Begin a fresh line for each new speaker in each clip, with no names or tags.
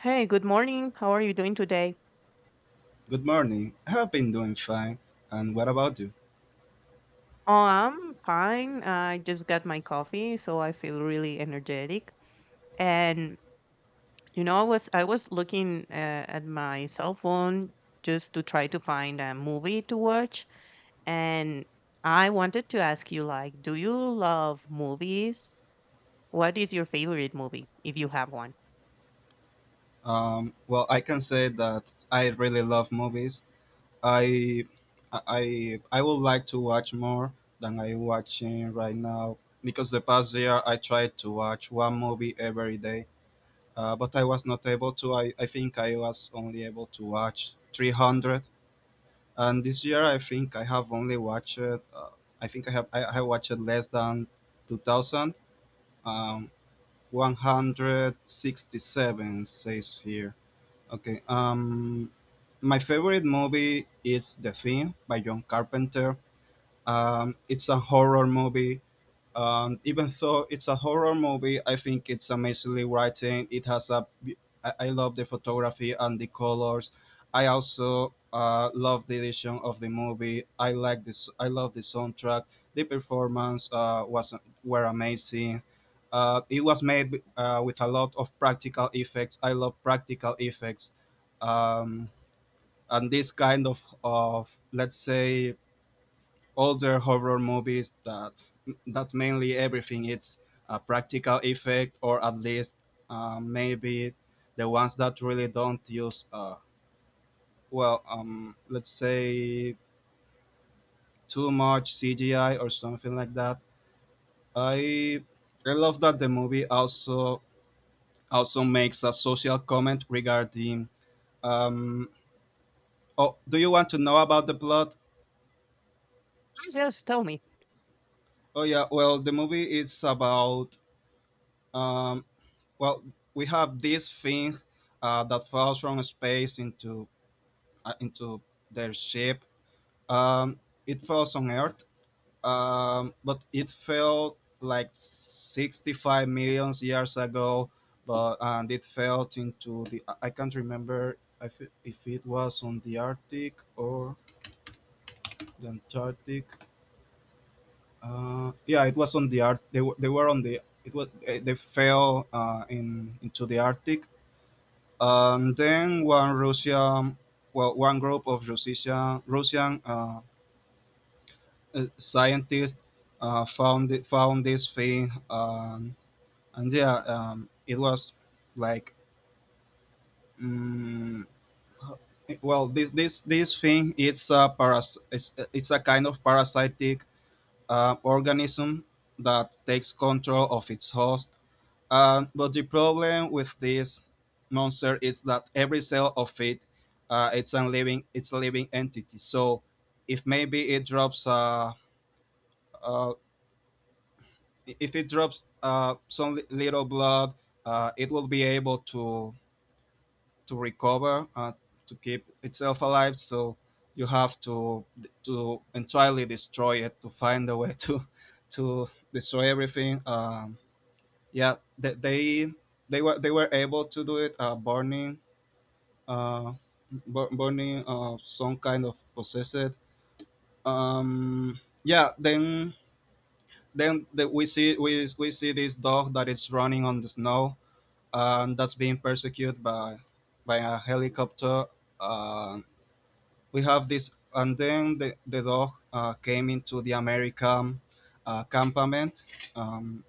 Hey, good morning. How are you doing today?
Good morning. I have been doing fine. And what about you?
Oh, I'm fine. I just got my coffee, so I feel really energetic. And you know, I was looking at my cell phone just to try to find a movie to watch, and I wanted to ask you like, do you love movies? What is your favorite movie if you have one?
Well, I can say that I really love movies. I, I would like to watch more than I watching right now because the past year I tried to watch one movie every day, but I was not able to. I think I was only able to watch 300. And this year I think I have only watched. I think I watched less than 2,000. Um, 167 says here. Okay. My favorite movie is The Thing by John Carpenter. It's a horror movie Even though it's a horror movie, I think it's amazingly written. I love the photography and the colors. I also love the edition of the movie. I like this. I love the soundtrack. The performance was were amazing. It was made with a lot of practical effects. I love practical effects, um, and this kind of let's say older horror movies that mainly everything it's a practical effect, or at least maybe the ones that really don't use let's say too much CGI or something like that. I I love that the movie also also makes a social comment regarding um, oh, do you want to know about the plot?
Oh, yes, tell me.
Oh yeah, well, the movie is about um, well we have this thing that falls from space into their ship um, it falls on earth, but it fell like 65 million years ago. But and it fell into the I can't remember if it was on the arctic or the antarctic. Yeah, it was on the art they were on the it was eh, they fell in into the arctic. And then one Russian, well, one group of Russian scientists found it, found this thing, and yeah, it was like, mm, this thing it's a paras it's a kind of parasitic organism that takes control of its host. But the problem with this monster is that every cell of it, it's a living entity. So if maybe it drops, uh, if it drops some little blood, it will be able to recover, to keep itself alive. So you have to entirely destroy it, to find a way to destroy everything. Yeah, they were able to do it burning uh, burning some kind of possessed. Yeah, then we see we see this dog that is running on the snow and that's being persecuted by a helicopter. Uh, we have this, and then the dog came into the American campament. Um,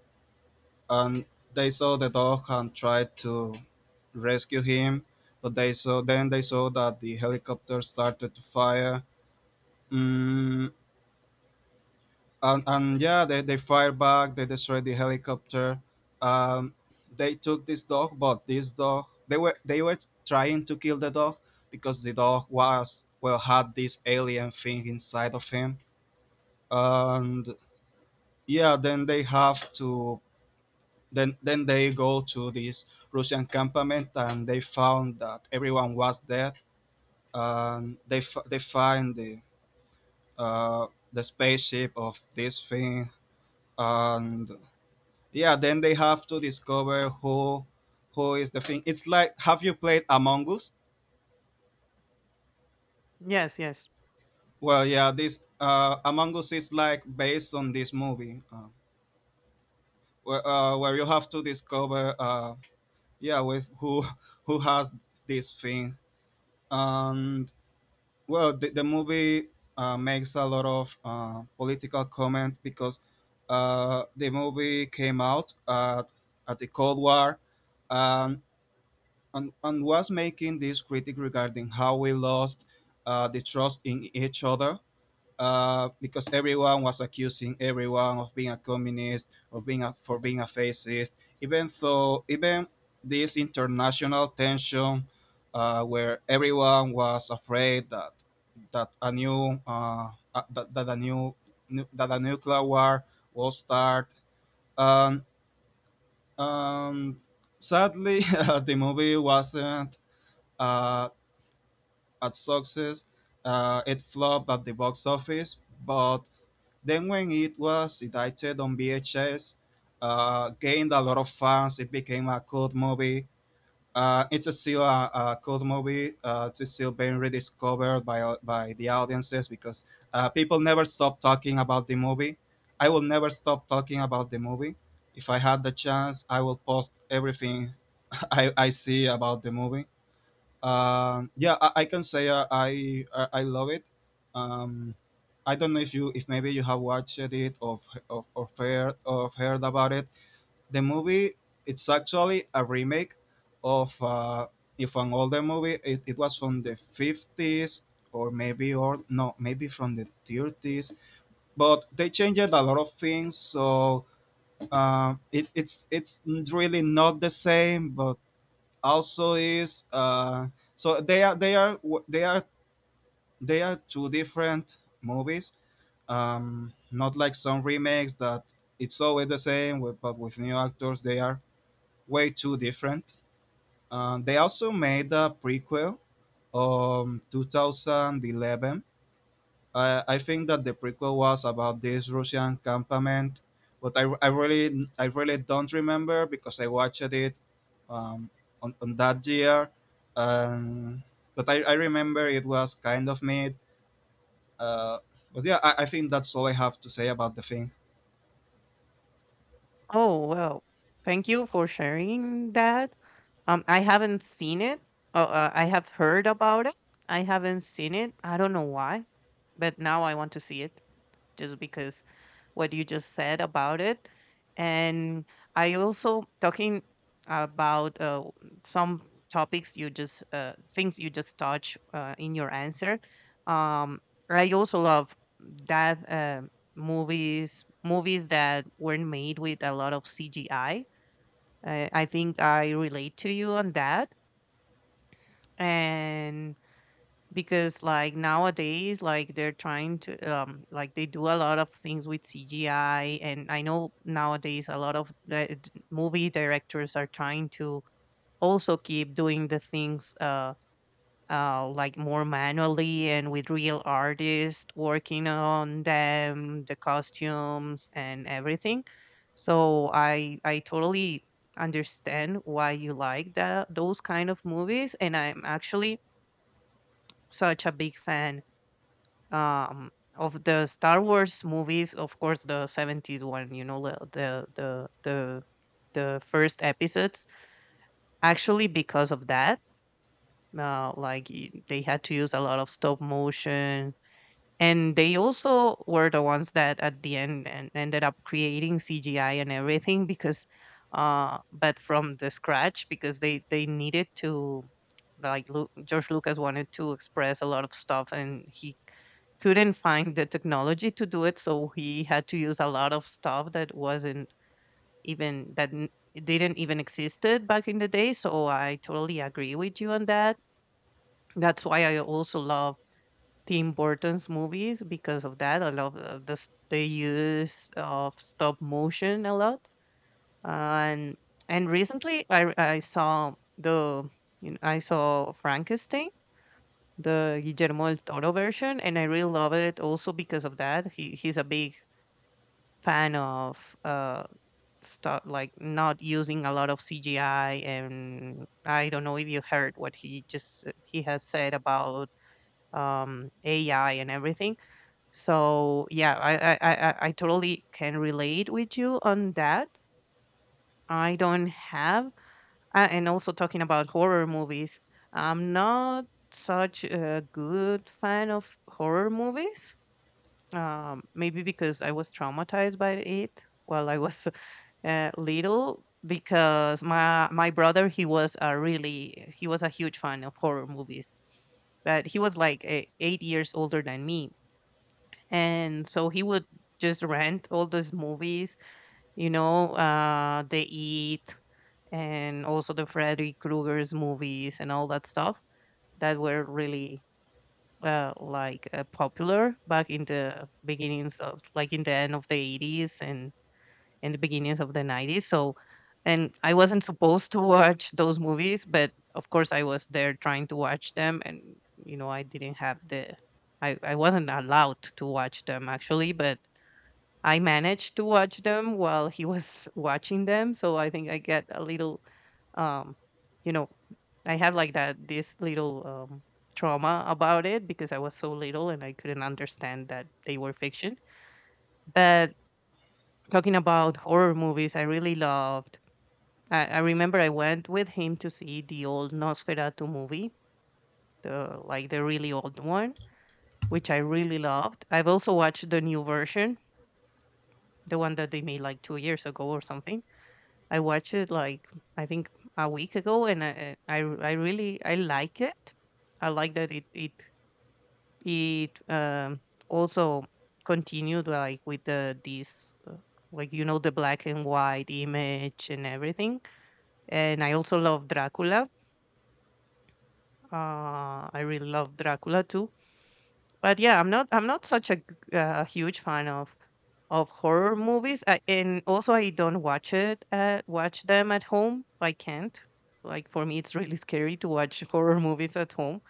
and they saw the dog and tried to rescue him, but they saw then they saw that the helicopter started to fire mm, and yeah, they fired back, they destroyed the helicopter, um, they took this dog. But this dog, they were trying to kill the dog because the dog was, well, had this alien thing inside of him. And yeah then they have to Then they go to this Russian campament and they found that everyone was dead. And they they find the spaceship of this thing. And yeah, then they have to discover who is the thing. It's like, have you played Among Us?
Yes, yes.
Well, yeah, this Among Us is like based on this movie, where you have to discover yeah, with who has this thing. And well, the movie makes a lot of political comment because the movie came out at the Cold War, um, and was making this critic regarding how we lost the trust in each other because everyone was accusing everyone of being a communist, of being a, for being a fascist. Even though, even this international tension, where everyone was afraid that that a new that, that a new, that a nuclear war will start. And um, Sadly, the movie wasn't. Uh, at success. It flopped at the box office, but then when it was edited on VHS, gained a lot of fans. It became a cult movie. It's still a cult movie. It's still being rediscovered by the audiences because people never stop talking about the movie. I will never stop talking about the movie. If I had the chance, I will post everything I see about the movie. I can say I love it, um I don't know if you, if maybe you have watched it or of heard about it. The movie it's actually a remake of if an older movie. It was from the 50s, or maybe, or no, maybe from the 30s, but they changed a lot of things, so it's really not the same, but also is so they are they are two different movies. Not like some remakes that it's always the same, but with new actors. They are way too different. They also made a prequel 2011. I think that the prequel was about this Russian campament, but I really don't remember because I watched it um, on that year. Um, but I remember it was kind of mid. Uh, but yeah, I think that's all I have to say about the thing.
Oh, well, thank you for sharing that. I haven't seen it. I have heard about it. I haven't seen it. I don't know why, but now I want to see it just because what you just said about it. And I also talking about some topics you just things you just touch in your answer. Um, I also love that movies that weren't made with a lot of CGI. I think I relate to you on that. And because like nowadays, like they're trying to like they do a lot of things with CGI, and I know nowadays a lot of the movie directors are trying to also keep doing the things like more manually and with real artists working on them, the costumes and everything. So I totally understand why you like that those kind of movies, and I'm actually such a big fan um of the Star Wars movies, of course, the 70s one, you know, the first episodes. Actually, because of that, like they had to use a lot of stop motion, and they also were the ones that at the end and ended up creating CGI and everything because but from the scratch, because they needed to, like George Lucas wanted to express a lot of stuff and he couldn't find the technology to do it, so he had to use a lot of stuff that wasn't even it didn't even existed back in the day. So I totally agree with you on that. That's why I also love Tim Burton's movies because of that. I love the use of stop motion a lot. And and recently I saw I saw Frankenstein, the Guillermo del Toro version, and I really love it also because of that. He's a big fan of stuff like not using a lot of CGI, and I don't know if you heard what he has said about AI and everything. So yeah, I totally can relate with you on that. I don't have, and also talking about horror movies, I'm not such a good fan of horror movies. Maybe because I was traumatized by it while I was little. Because my brother, he was a really he was a huge fan of horror movies, but he was like 8 years older than me, and so he would just rent all those movies, you know. They eat And also the Freddy Krueger's movies and all that stuff that were really like popular back in the beginnings of, like, in the end of the 80s and in the beginnings of the 90s. So and I wasn't supposed to watch those movies, but of course I was there trying to watch them. And you know, I didn't have I wasn't allowed to watch them, actually, but I managed to watch them while he was watching them, so I think I get a little, um, you know, I have like that this little trauma about it, because I was so little and I couldn't understand that they were fiction. But talking about horror movies, I really loved. I remember I went with him to see the old Nosferatu movie, the like the really old one, which I really loved. I've also watched the new version, the one that they made like 2 years ago or something. I watched it like I think a week ago, and I really I like it. I like that it also continued like with the this like you know the black and white image and everything. And I also love Dracula. I really love Dracula too. But yeah, I'm not such a huge fan of horror movies and also I don't watch it watch them at home. I can't. Like for me, it's really scary to watch horror movies at home.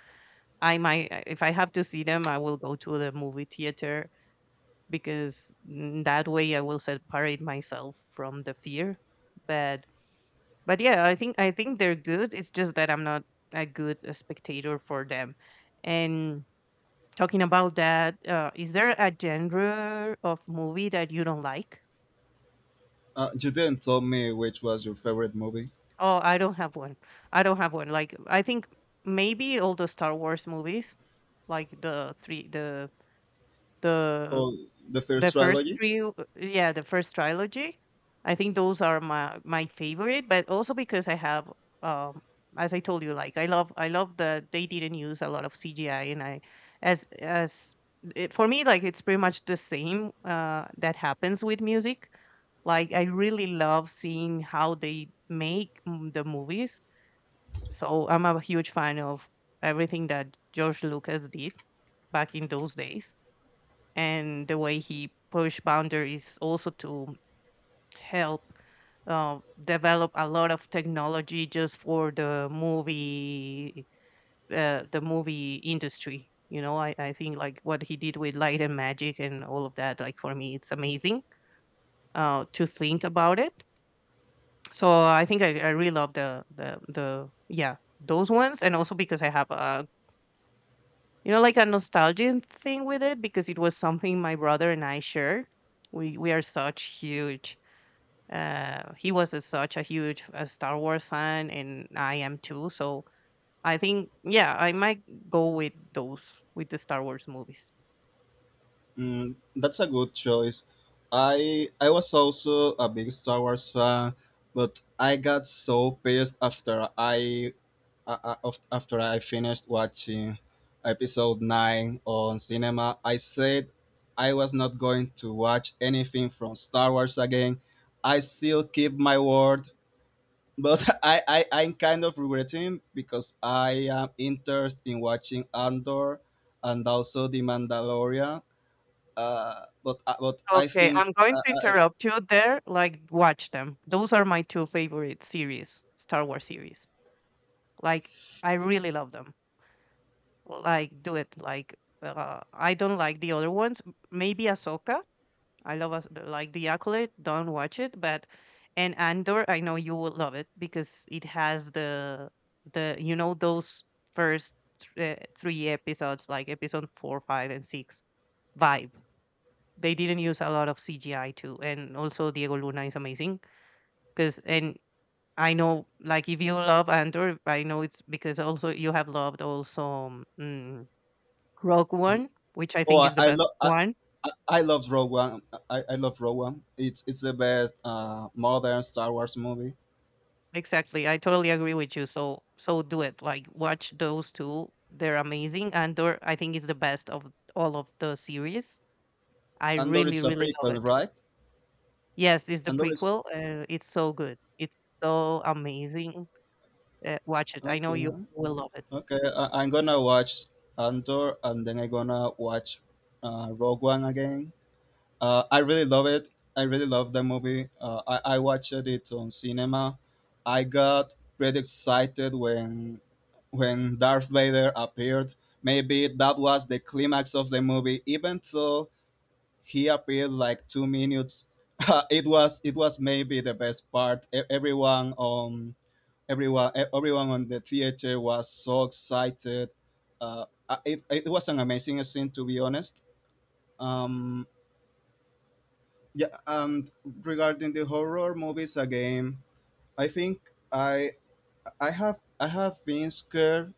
I might if I have to see them, I will go to the movie theater, because that way I will separate myself from the fear. but but yeah, I think they're good, it's just that I'm not a good spectator for them. And talking about that, is there a genre of movie that you don't like?
You didn't tell me which was your favorite movie.
Oh, I don't have one. I don't have one. Like I think maybe all the Star Wars movies, like the
Oh, the first
the first
trilogy?
three, yeah, the first trilogy. I think those are my favorite, but also because I have, um, as I told you, like I love that they didn't use a lot of CGI, and I as it, for me, like it's pretty much the same that happens with music. Like I really love seeing how they make the movies. So I'm a huge fan of everything that George Lucas did back in those days, and the way he pushed boundaries also to help uh, develop a lot of technology just for the movie industry. You know, I think like what he did with light and magic and all of that, like for me it's amazing to think about it. So I really love the yeah those ones, and also because I have a you know, like a nostalgia thing with it, because it was something my brother and I shared. We are such huge. He was a, such a huge Star Wars fan, and I am too. So I think, yeah, I might go with those with the Star Wars movies.
Mm, that's a good choice. I was also a big Star Wars fan, but I got so pissed after after I finished watching episode 9 on cinema. I said I was not going to watch anything from Star Wars again. I still keep my word, but I'm kind of regretting because I am interested in watching Andor and also The Mandalorian. But I
Okay, I'm
think
going to
I
interrupt you there. Like, watch them. Those are my two favorite series, Star Wars series. Like, I really love them. Like, do it. Like, I don't like the other ones. Maybe Ahsoka. I love us like The Accolade. Don't watch it, but and Andor, I know you will love it because it has the you know those first three episodes, like episode four, five, and six vibe. They didn't use a lot of CGI too, and also Diego Luna is amazing because and I know, like, if you love Andor, I know it's because also you have loved also Rogue One, which I
oh,
think is the best one.
I I love Rogue One. I love Rogue One. It's the best modern Star Wars movie.
Exactly. I totally agree with you. So so do it. Like watch those two. They're amazing. Andor, I think, is the best of all of the series. I
Andor
really,
is a
really love
prequel,
it.
right?
Yes, it's the
Andor is
prequel. It's so good. It's so amazing. Watch it. I know
Okay.
you will love it.
Okay, I'm gonna watch Andor, and then I'm gonna watch Rogue One again. I really love it. I really love that movie. I watched it on cinema. I got pretty excited when Darth Vader appeared. Maybe that was the climax of the movie, even though he appeared like 2 minutes. It was maybe the best part. Everyone on everyone on the theater was so excited. It was an amazing scene, to be honest. Um, yeah, and regarding the horror movies again, I think I have been scared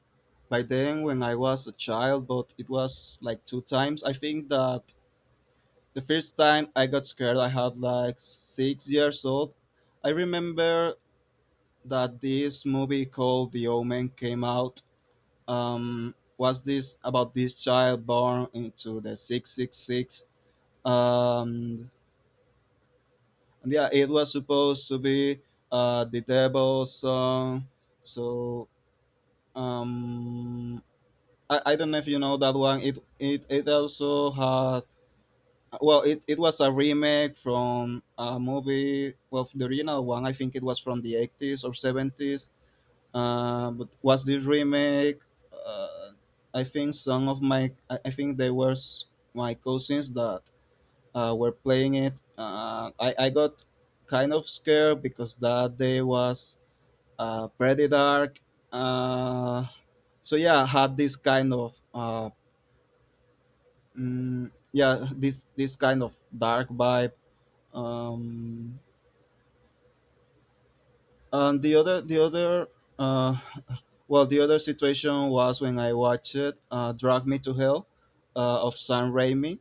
by them when I was a child, but it was like two times. I think that the first time I got scared, I had like 6 years old. I remember that this movie called The Omen came out. Was this about this child born into the six six six? um, And yeah, it was supposed to be the devil's song. So um, I don't know if you know that one. It also had, well, it was a remake from a movie. Well, the original one, I think it was from the eighties or seventies. But was this remake? Uh, I think they were my cousins that were playing it. I got kind of scared because that day was pretty dark. Uh, so yeah, had this kind of yeah, this kind of dark vibe. Um, and the other uh, the other situation was when I watched Drag Me to Hell of Sam Raimi.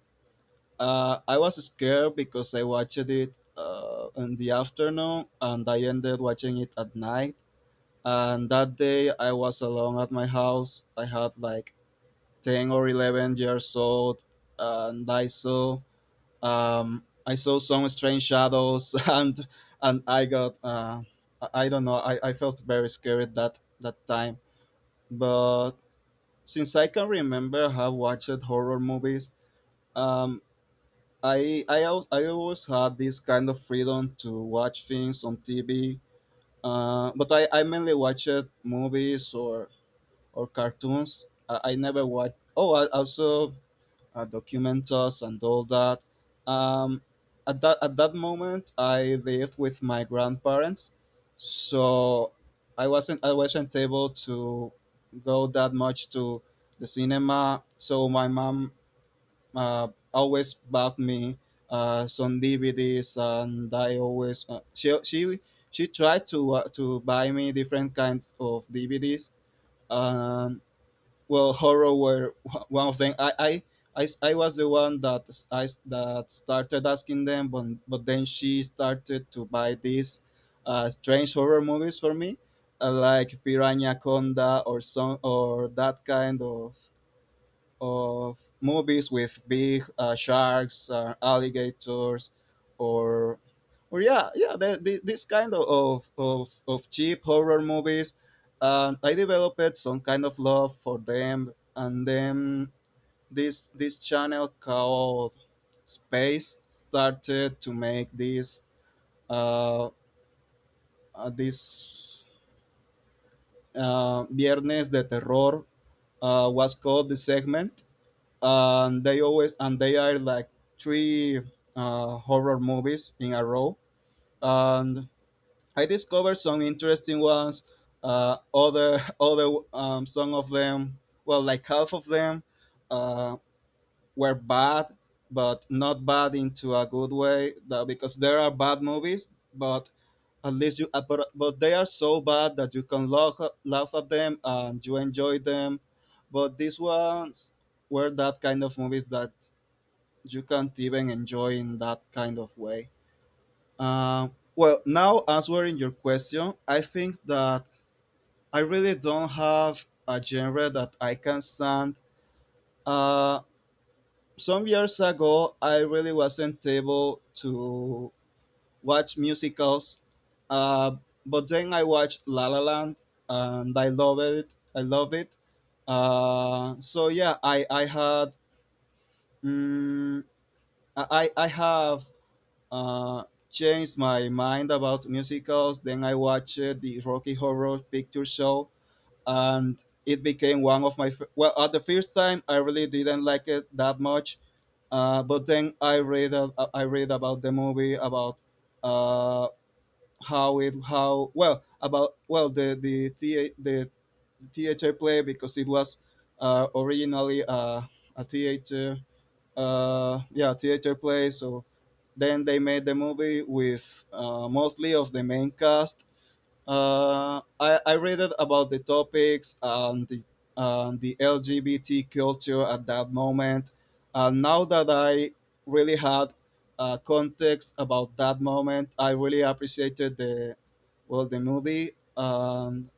I was scared because I watched it in the afternoon and I ended watching it at night. And that day I was alone at my house. I had like 10 or 11 years old, and I saw some strange shadows and I got I don't know, I felt very scared that that time. But since I can remember, I have watched horror movies. Um, I always had this kind of freedom to watch things on TV, I mainly watched movies or cartoons. I never watched. Oh, I also documentals and all that. Um, at that moment, I lived with my grandparents, so I wasn't able to go that much to the cinema. So my mom always bought me some DVDs, and I always she tried to buy me different kinds of DVDs. Um, well, horror were one of them. I was the one that that started asking them, but then she started to buy these strange horror movies for me, like Piranha Conda or some or that kind of movies with big sharks, alligators, or or yeah, yeah, this kind of, of cheap horror movies. And I developed some kind of love for them, and then this channel called Space started to make uh, this Viernes de Terror was called the segment, and they always and they are like three horror movies in a row, and I discovered some interesting ones. Other other some of them, well, like half of them uh, were bad, but not bad into a good way, that because there are bad movies, but at least you but they are so bad that you can laugh, laugh at them and you enjoy them, but these ones were that kind of movies that you can't even enjoy in that kind of way. Well, now answering your question, I think that I really don't have a genre that I can stand. Uh, some years ago, I really wasn't able to watch musicals, uh, but then I watched La La Land and I love it. I love it. So yeah, I had mm, I have uh, changed my mind about musicals. Then I watched the Rocky Horror Picture Show, and it became one of my f- well, at the first time, I really didn't like it that much, but then I read about the movie about uh, how it how well, about, well, the theater play, because it was originally a theater yeah, theater play. So then they made the movie with mostly of the main cast. I read it about the topics and and the LGBT culture at that moment. And now that I really had context about that moment, I really appreciated the movie, and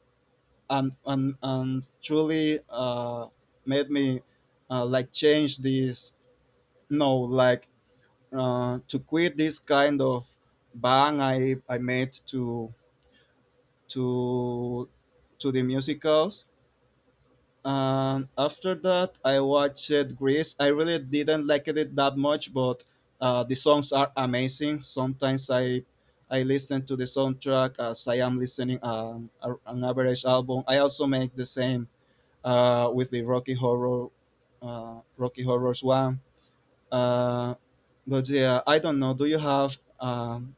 and truly made me like change this, no, like to quit this kind of bang I made to to the musicals. And after that, I watched Grease. I really didn't like it that much, but the songs are amazing. Sometimes I listen to the soundtrack as I am listening an average album. I also make the same with the Rocky Horror, Rocky Horrors one. Uh, but yeah, I don't know. Do you have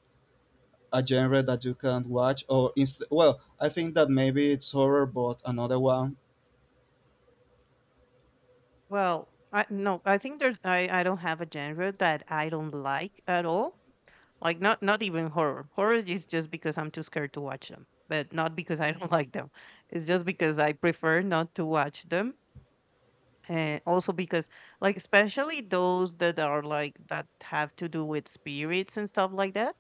a genre that you can't watch or well, I think that maybe it's horror, but another one?
Well, I no, I think there's I don't have a genre that I don't like at all. Like not not even horror. Horror is just because I'm too scared to watch them, but not because I don't like them. It's just because I prefer not to watch them. Also because like especially those that are like that have to do with spirits and stuff like that,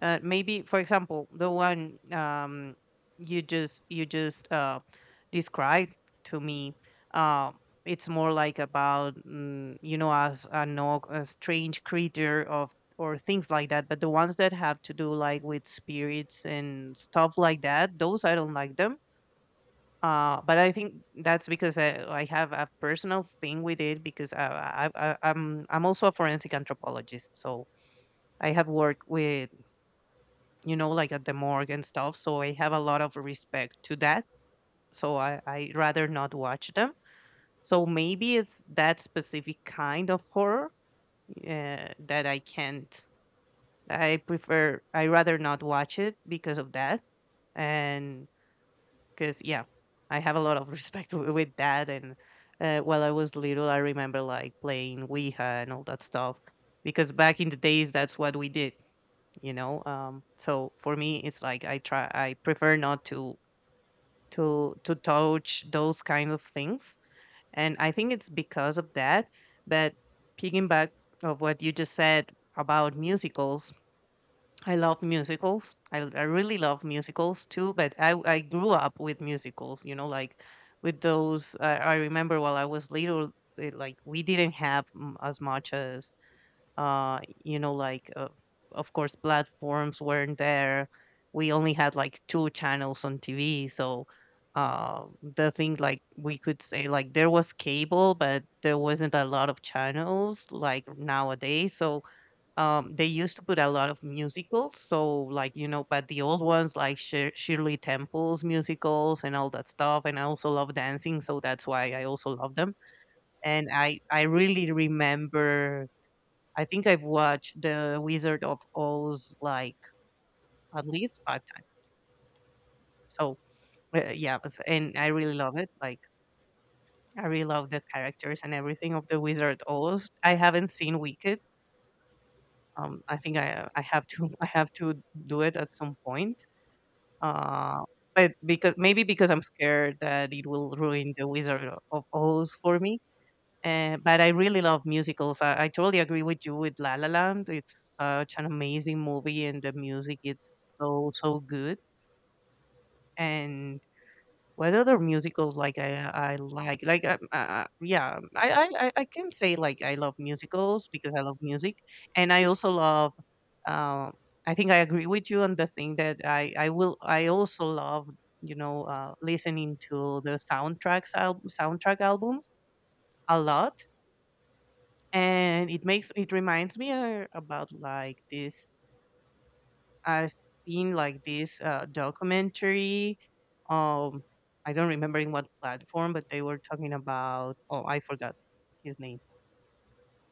maybe for example the one you just described to me, um it's more like about you know, as a, no, a strange creature of or things like that. But the ones that have to do like with spirits and stuff like that, those I don't like them. Uh, but I think that's because I have a personal thing with it because I'm also a forensic anthropologist, so I have worked with, you know, like at the morgue and stuff, so I have a lot of respect to that. So I rather not watch them. So maybe it's that specific kind of horror that I can't. I prefer. I rather not watch it because of that and 'cause yeah, I have a lot of respect w with that, and while I was little, I remember, like, playing Ouija and all that stuff, because back in the days, that's what we did, you know? So for me, it's like I prefer not to to touch those kind of things, and I think it's because of that, but picking back of what you just said about musicals. I love musicals. I really love musicals too, but I grew up with musicals, you know, like with those. I remember while I was little, it, like we didn't have as much as, uh, you know, like, uh, of course, platforms weren't there. We only had like two channels on TV. So the thing, like, we could say, like, there was cable, but there wasn't a lot of channels like nowadays. So they used to put a lot of musicals. So, like, you know, but the old ones, like Shirley Temple's musicals and all that stuff. And I also love dancing. So that's why I also love them. And I really remember, I think I've watched The Wizard of Oz like at least five times. So, yeah. And I really love it. Like, I really love the characters and everything of The Wizard Oz. I haven't seen Wicked. I think I have to I have to do it at some point. Uh, but because maybe because I'm scared that it will ruin The Wizard of Oz for me. But I really love musicals. I totally agree with you with La La Land. It's such an amazing movie, and the music is so so good. And what other musicals I like? Like yeah, I can say like I love musicals because I love music, and I also love. Um, I think I agree with you on the thing that I also love listening to the soundtrack albums a lot, and it reminds me about like this. I've seen like this documentary. Um, I don't remember in what platform, but they were talking about. Oh, I forgot his name.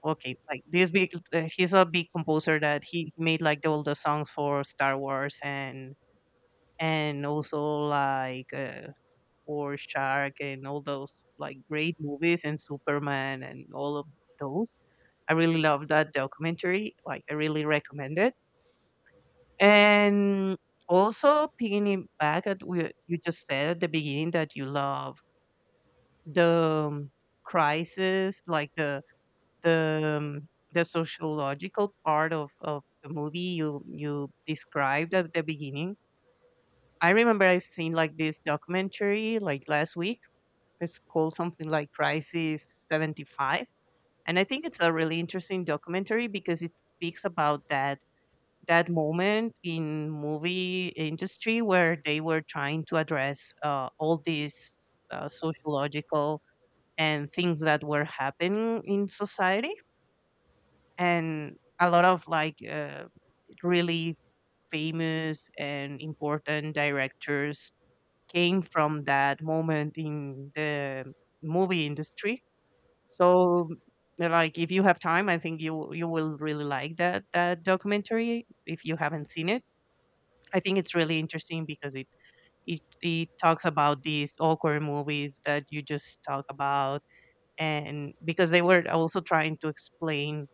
Okay, like this big. He's a big composer that he made like all the songs for Star Wars and also like for Shark and all those like great movies and Superman and all of those. I really love that documentary. Like I really recommend it. And also picking it back at what you just said at the beginning that you love the crisis, like the um, the sociological part of the movie you you described at the beginning. I remember I've seen like this documentary like last week. It's called something like Crisis 75. And I think it's a really interesting documentary because it speaks about that moment in movie industry where they were trying to address all these sociological and things that were happening in society, and a lot of like really famous and important directors came from that moment in the movie industry. So like if you have time, I think you you will really like that documentary if you haven't seen it. I think it's really interesting because it talks about these awkward movies that you just talk about, and because they were also trying to explain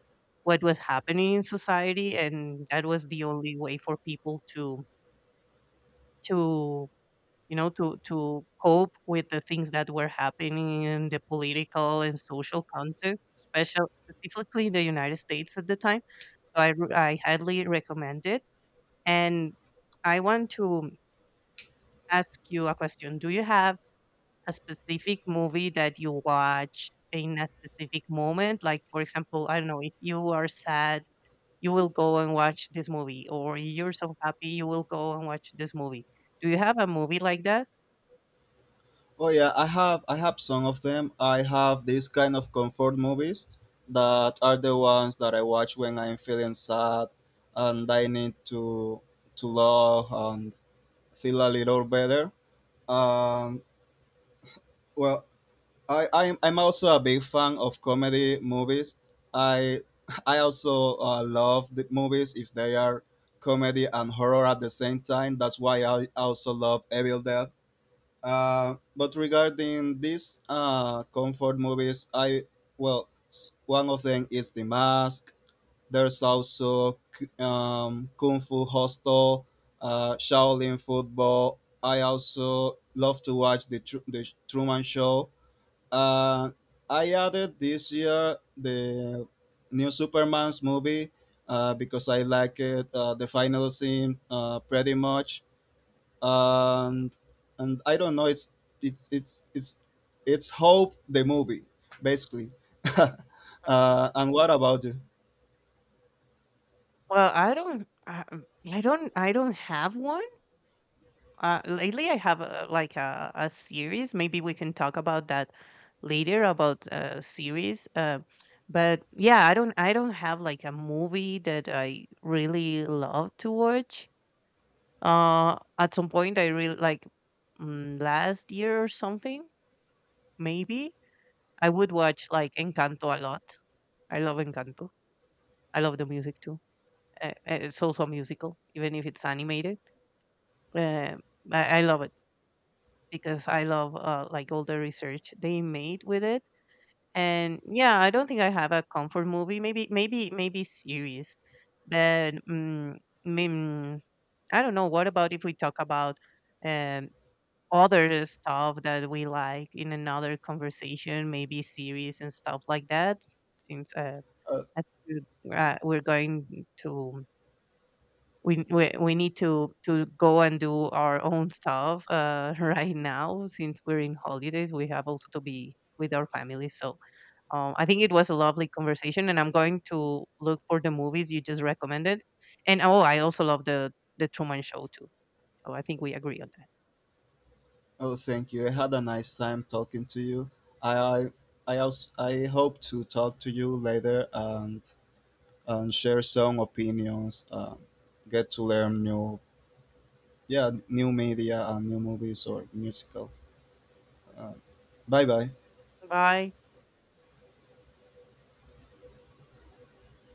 what was happening in society, and that was the only way for people to you know to cope with the things that were happening in the political and social context, special specifically in the United States at the time. So I highly recommend it, and I want to ask you a question. Do you have a specific movie that you watch in a specific moment? Like, for example, I don't know, if you are sad, you will go and watch this movie, or you're so happy, you will go and watch this movie. Do you have a movie like that?
Oh yeah, I have some of them. I have these kind of comfort movies that are the ones that I watch when I'm feeling sad and I need to laugh and feel a little better. um well I'm also a big fan of comedy movies. I I also love the movies if they are comedy and horror at the same time. That's why I also love Evil Dead. But regarding these comfort movies, one of them is The Mask. There's also Kung Fu Hostel, Shaolin Football. I also love to watch the Truman Show. uh, I added this year the new Superman's movie because I like it. The final scene, pretty much, and and I don't know. It's it's it's it's hope, the movie, basically.
Mhm.
And what about you?
Well, I don't have one. Lately, I have a, like a series. Maybe we can talk about that later about series. But yeah, I don't have like a movie that I really love to watch. At some point, I really like last year or something. Maybe I would watch like Encanto a lot. I love Encanto. I love the music too. It's also a musical, even if it's animated. Uh, I love it, because I love like all the research they made with it. And yeah, I don't think I have a comfort movie. Maybe, maybe, maybe series. But mm, I don't know. What about if we talk about um, other stuff that we like in another conversation? Maybe series and stuff like that. Since
Uh,
I think, we're going to we need to go and do our own stuff right now, since we're in holidays, we have also to be with our families. So I think it was a lovely conversation, and I'm going to look for the movies you just recommended. And oh, I also love the Truman Show too, so I think we agree on that.
oh, thank you. I had a nice time talking to you. I I I, also, I hope to talk to you later. And share some opinions, get to learn new, yeah, new media and new movies or musical. Uh, Bye bye.
Bye.